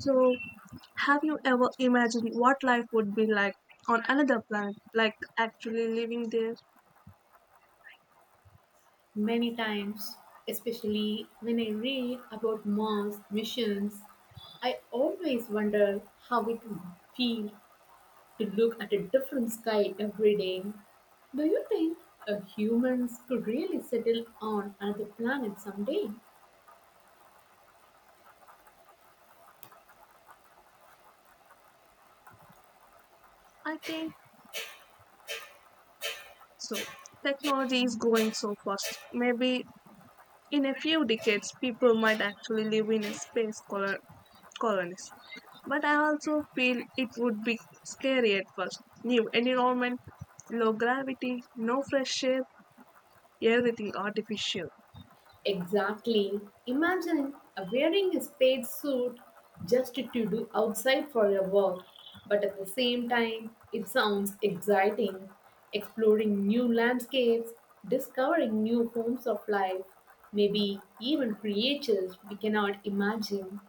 So, have you ever imagined what life would be like on another planet, like actually living there? Many times, especially when I read about Mars missions, I always wonder how it would feel to look at a different sky every day. Do you think humans could really settle on another planet someday? I think so. Technology is growing so fast. Maybe in a few decades, people might actually live in a space color colonies. But I also feel it would be scary at first. New environment, low gravity, no fresh air, everything artificial. Exactly. Imagine wearing a space suit just to do outside for your work, but at the same time, it sounds exciting. Exploring new landscapes, discovering new forms of life, maybe even creatures we cannot imagine.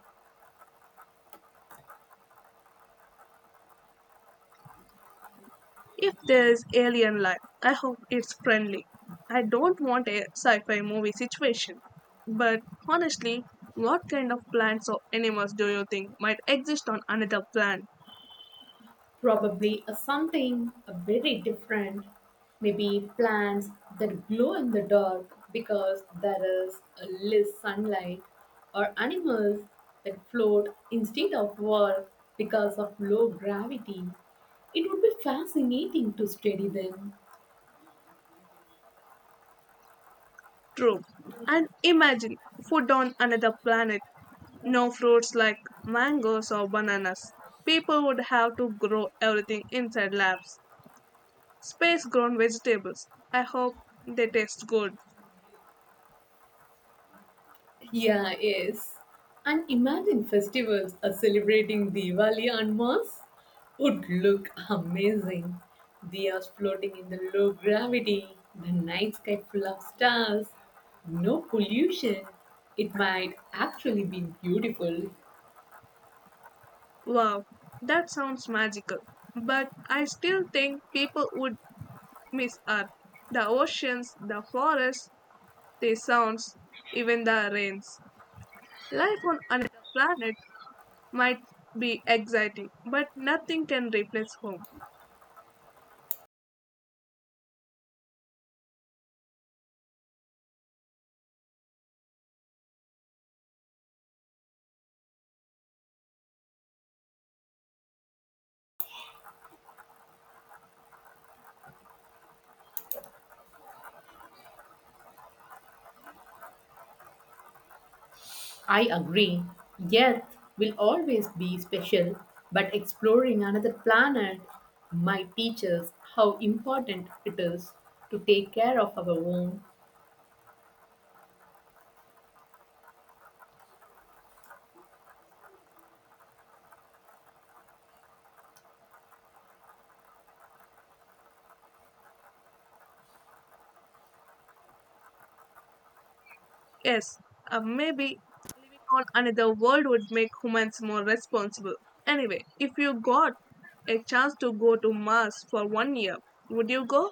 If there's alien life, I hope it's friendly. I don't want a sci fi movie situation. But honestly, what kind of plants or animals do you think might exist on another planet? Probably a something a very different. Maybe plants that glow in the dark because there is a less sunlight, or animals that float instead of work because of low gravity. It would be fascinating to study them. True. And imagine food on another planet. No fruits like mangoes or bananas. People would have to grow everything inside labs. Space grown vegetables. I hope they taste good. Yeah, yes. And imagine festivals are celebrating Diwali on Mars would look amazing. Diyas floating in the low gravity, the night sky full of stars, no pollution. It might actually be beautiful. Wow, that sounds magical. But I still think people would miss Earth. The oceans, the forests, the sounds, even the rains. Life on another planet might be exciting, but nothing can replace home. I agree. Earth will always be special, but exploring another planet might teach us how important it is to take care of our own. Yes, maybe living on another world would make humans more responsible. Anyway, if you got a chance to go to Mars for 1 year, would you go?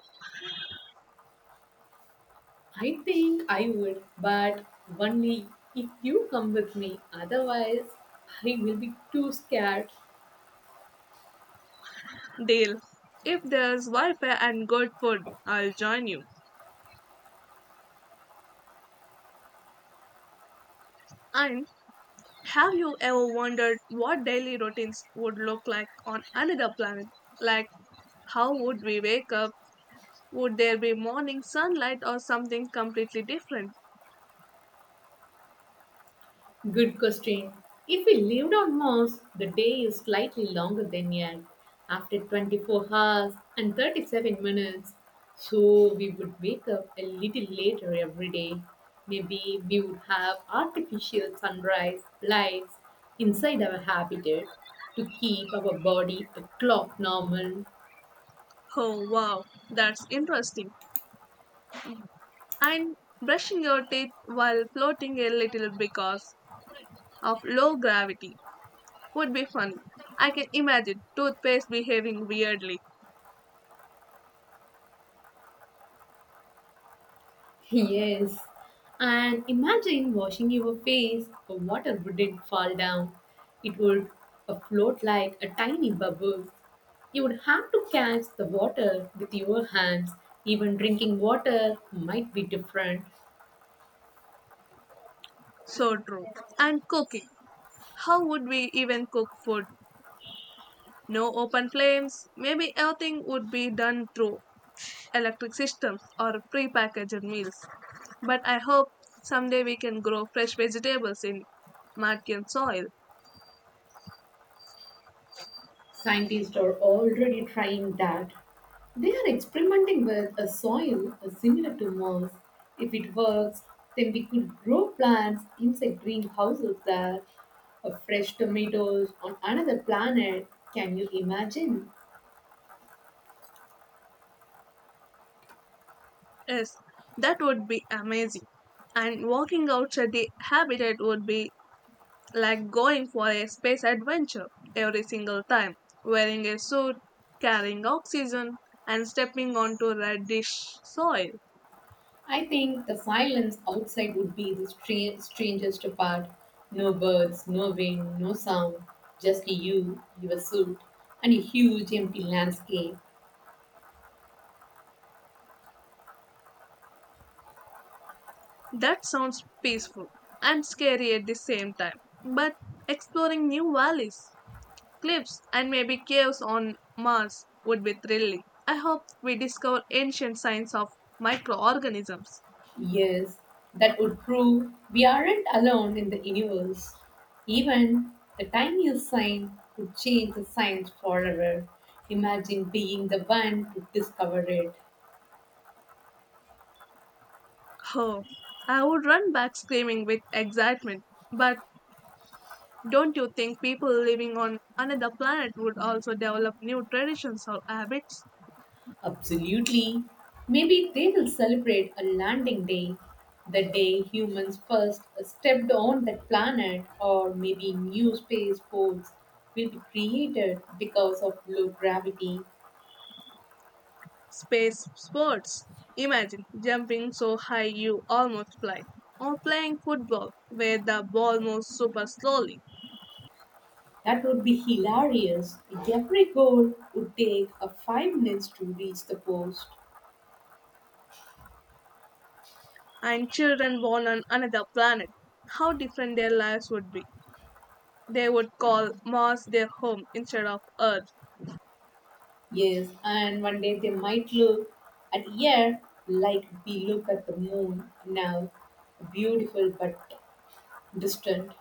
I think I would, but only if you come with me. Otherwise, I will be too scared. Dale, if there's Wi Fi and good food, I'll join you. And have you ever wondered what daily routines would look like on another planet? Like, how would we wake up? Would there be morning sunlight or something completely different? Good question. If we lived on Mars, the day is slightly longer than Earth, after 24 hours and 37 minutes. So we would wake up a little later every day. Maybe we would have artificial sunrise lights inside our habitat to keep our body a clock normal. Oh, wow, that's interesting. And brushing your teeth while floating a little because of low gravity would be fun. I can imagine toothpaste behaving weirdly. Yes. And imagine washing your face, the water wouldn't fall down. It would float like a tiny bubble. You would have to catch the water with your hands. Even drinking water might be different. So true. And cooking. How would we even cook food? No open flames. Maybe everything would be done through electric systems or prepackaged meals. But I hope someday we can grow fresh vegetables in Martian soil. Scientists are already trying that. They are experimenting with a soil similar to Mars. If it works, then we could grow plants inside greenhouses there, or fresh tomatoes on another planet. Can you imagine? Yes, that would be amazing. And walking outside the habitat would be like going for a space adventure every single time, wearing a suit, carrying oxygen, and stepping onto reddish soil. I think the silence outside would be the strangest part. No birds, no wind, no sound, just you, your suit, and a huge empty landscape. That sounds peaceful and scary at the same time. But exploring new valleys, cliffs, and maybe caves on Mars would be thrilling. I hope we discover ancient signs of microorganisms. Yes, that would prove we aren't alone in the universe. Even the tiniest sign could change the science forever. Imagine being the one to discover it. Oh, I would run back screaming with excitement. But don't you think people living on another planet would also develop new traditions or habits? Absolutely. Maybe they will celebrate a landing day, the day humans first stepped on that planet, or maybe new spaceports will be created because of low gravity. Space sports. Imagine jumping so high you almost fly, or playing football where the ball moves super slowly, That would be hilarious. Every goal would take a 5 minutes to reach the post. and children born on another planet. How different their lives would be. They would call Mars their home instead of Earth. Yes, and one day they might look at air like we look at the moon now, beautiful but distant.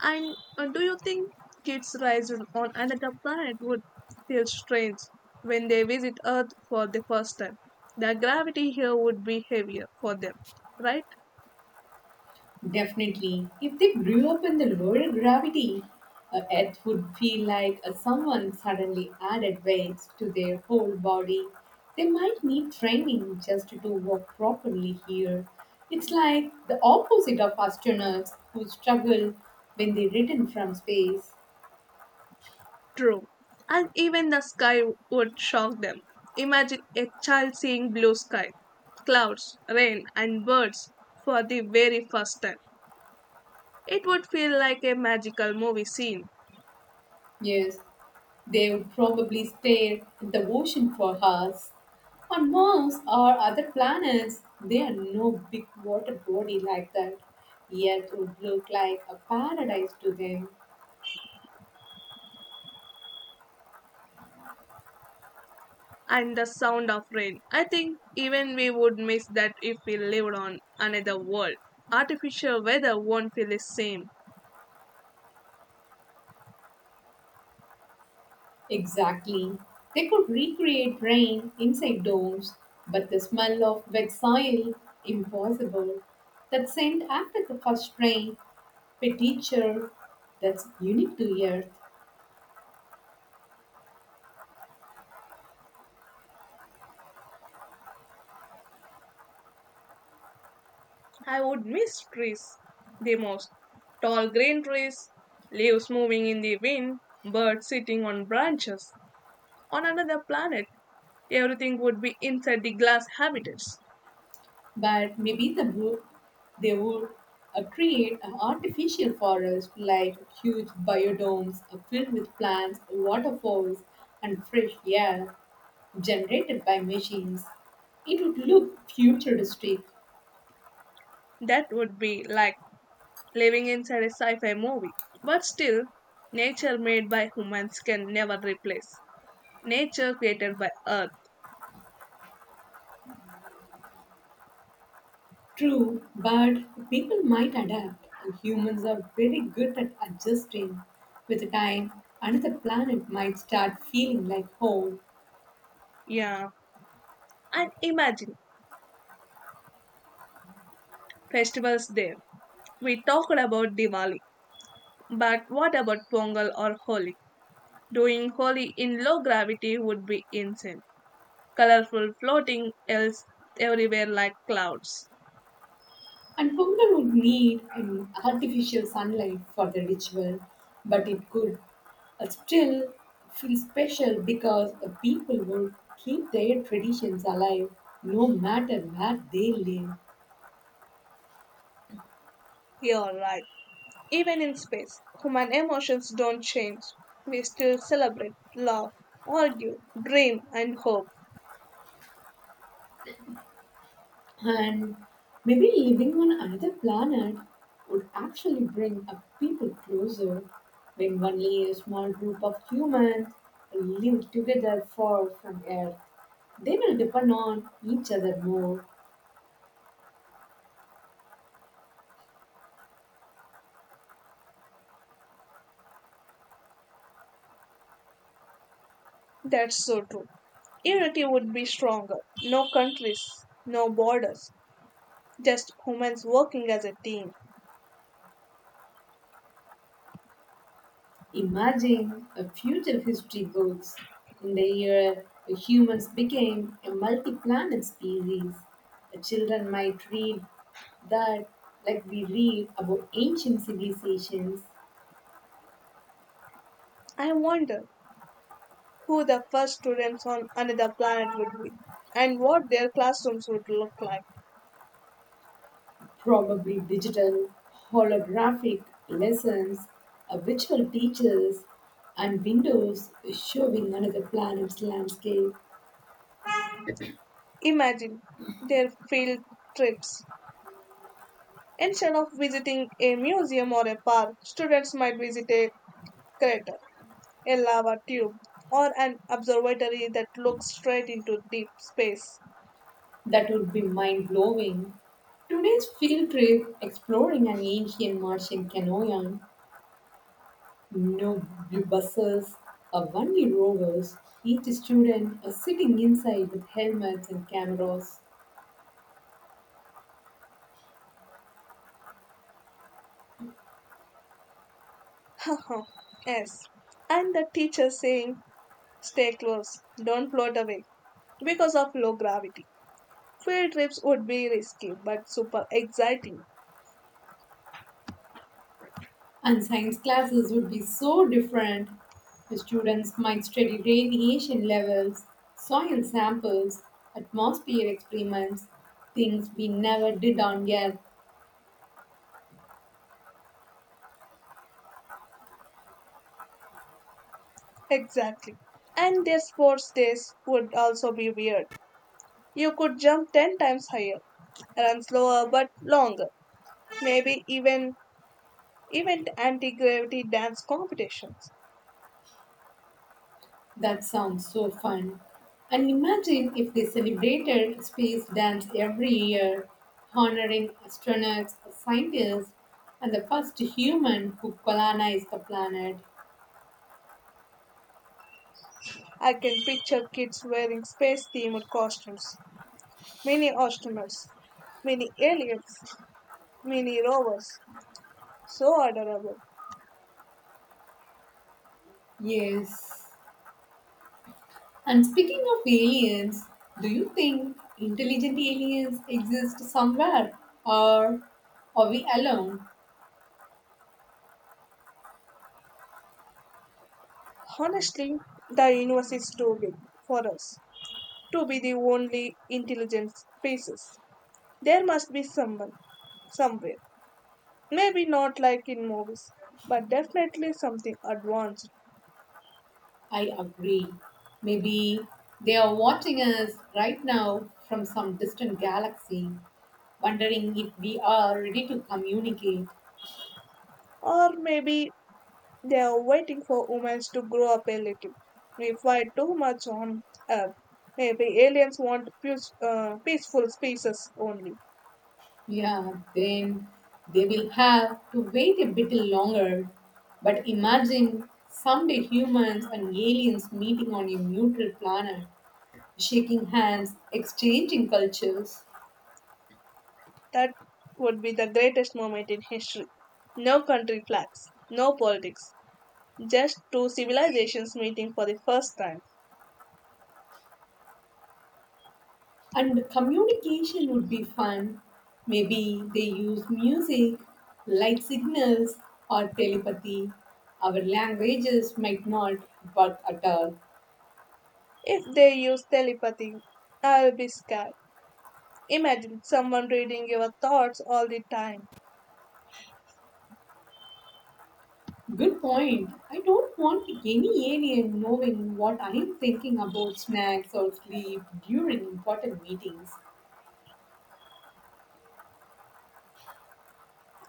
And do you think kids raised on another planet would feel strange when they visit Earth for the first time? The gravity here would be heavier for them, right? Definitely. If they grew up in the lower gravity, it would feel like someone suddenly added weights to their whole body. They might need training just to walk properly here. It's like the opposite of astronauts who struggle when they return from space. True. And even the sky would shock them. Imagine a child seeing blue sky, clouds, rain, and birds for the very first time. It would feel like a magical movie scene. Yes, they would probably stare at the ocean for hours. On Mars or other planets, there are no big water body like that. Earth would look like a paradise to them. And the sound of rain. I think even we would miss that if we lived on another world. Artificial weather won't feel the same. Exactly. They could recreate rain inside domes, but the smell of wet soil, impossible. That scent after the first rain, a that's unique to Earth. I would miss trees the most. Tall green trees, leaves moving in the wind, birds sitting on branches. On another planet, everything would be inside the glass habitats. But maybe the group they would create an artificial forest like huge biodomes filled with plants, waterfalls, and fresh air generated by machines. It would look futuristic, That would be like living inside a sci fi movie. But still, nature made by humans can never replace nature created by Earth. true, but people might adapt. Humans are very good at adjusting. With time, another planet might start feeling like home. Yeah. And imagine festivals there. We talked about Diwali, but what about Pongal or Holi? Doing Holi in low gravity would be insane. Colorful floating else everywhere like clouds. And Pongal would need an artificial sunlight for the ritual, but it could still feel special because the people will keep their traditions alive no matter where they live. You're right. Even in space, human emotions don't change. We still celebrate, love, argue, dream, and hope. And maybe living on another planet would actually bring a people closer when only a small group of humans live together far from Earth. They will depend on each other more. That's so true. Unity would be stronger. No countries, no borders, just humans working as a team. Imagine a future history books in the year humans became a multi-planet species. The children might read that like we read about ancient civilizations, I wonder who the first students on another planet would be and what their classrooms would look like. probably digital, holographic lessons, a virtual teachers, and windows showing another planet's landscape. Imagine their field trips. Instead of visiting a museum or a park, students might visit a crater, a lava tube, or an observatory that looks straight into deep space. That would be mind blowing. Today's field trip exploring an ancient Martian canoe. No buses, a or bunny rovers, each student are sitting inside with helmets and cameras. Uh-huh. Yes. And the teacher saying, stay close, don't float away because of low gravity. Field trips would be risky but super exciting. And science classes would be so different. The students might study radiation levels, soil samples, atmosphere experiments, things we never did on Earth. Exactly. And their sports days would also be weird. You could jump 10 times higher, run slower but longer, maybe even anti-gravity dance competitions. That sounds so fun. And imagine if they celebrated space dance every year, honoring astronauts, scientists, and the first human who colonized the planet. I can picture kids wearing space themed costumes, mini astronauts, mini aliens, mini rovers. So adorable. Yes. And speaking of aliens, do you think intelligent aliens exist somewhere or are we alone? Honestly, the universe is too big for us to be the only intelligent species. There must be someone, somewhere. Maybe not like in movies, but definitely something advanced. I agree. Maybe they are watching us right now from some distant galaxy, wondering if we are ready to communicate. Or maybe they are waiting for humans to grow up a little. We fight too much on Earth. Maybe aliens want peace, peaceful species only. Yeah, then they will have to wait a bit longer. But imagine someday humans and aliens meeting on a neutral planet, shaking hands, exchanging cultures. That would be the greatest moment in history. No country flags, no politics, just two civilizations meeting for the first time. And communication would be fun. Maybe they use music, light signals, or telepathy. Our languages might not work at all. If they use telepathy, I'll be scared. Imagine someone reading your thoughts all the time. Good point. I don't want any alien knowing what I'm thinking about snacks or sleep during important meetings.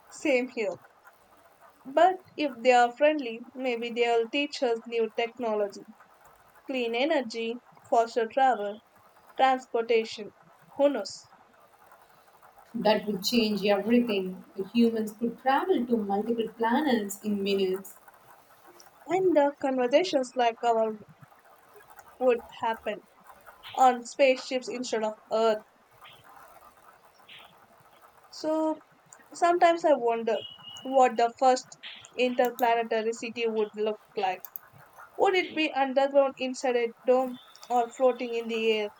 Same here. But if they are friendly, maybe they'll teach us new technology. Clean energy, faster travel, transportation, who knows? That would change everything. The humans could travel to multiple planets in minutes. And the conversations like our would happen on spaceships instead of Earth. So sometimes I wonder what the first interplanetary city would look like. Would it be underground inside a dome or floating in the air?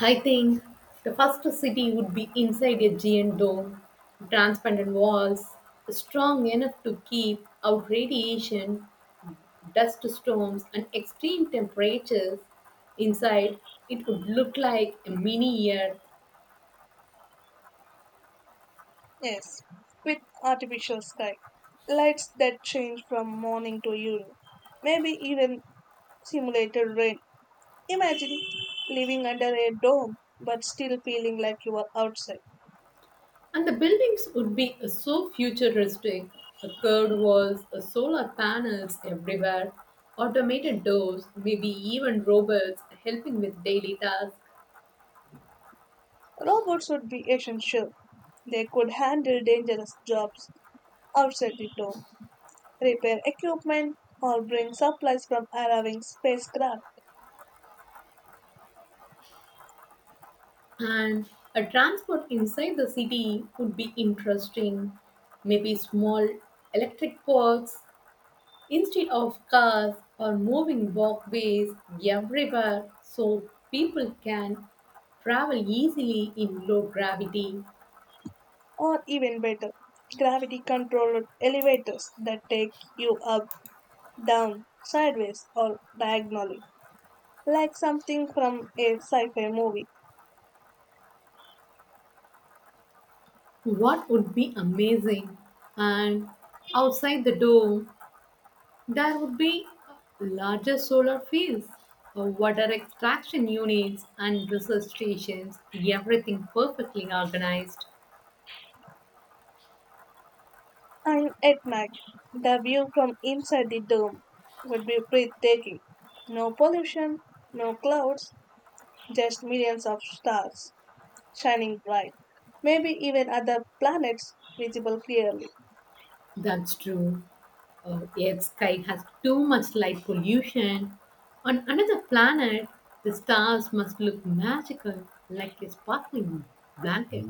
I think the first city would be inside a giant dome, transparent walls, strong enough to keep out radiation, dust storms, and extreme temperatures. Inside, it would look like a mini Earth, Yes, with artificial sky, lights that change from morning to evening, maybe even simulated rain. Imagine living under a dome but still feeling like you are outside. and the buildings would be so futuristic the curved walls, the solar panels everywhere, automated doors, maybe even robots helping with daily tasks. Robots would be essential. They could handle dangerous jobs outside the dome, repair equipment, or bring supplies from arriving spacecraft, And a transport inside the city would be interesting. Maybe small electric cars instead of cars or moving walkways everywhere so people can travel easily in low gravity. or even better, gravity controlled elevators that take you up, down, sideways, or diagonally, like something from a sci fi movie. What would be amazing? And outside the dome, there would be larger solar fields, water extraction units, and research stations, everything perfectly organized. And at night, the view from inside the dome would be breathtaking. No pollution, no clouds, just millions of stars shining bright. Maybe even other planets visible clearly. That's true. Earth's sky has too much light pollution. On another planet, the stars must look magical, like a sparkling blanket.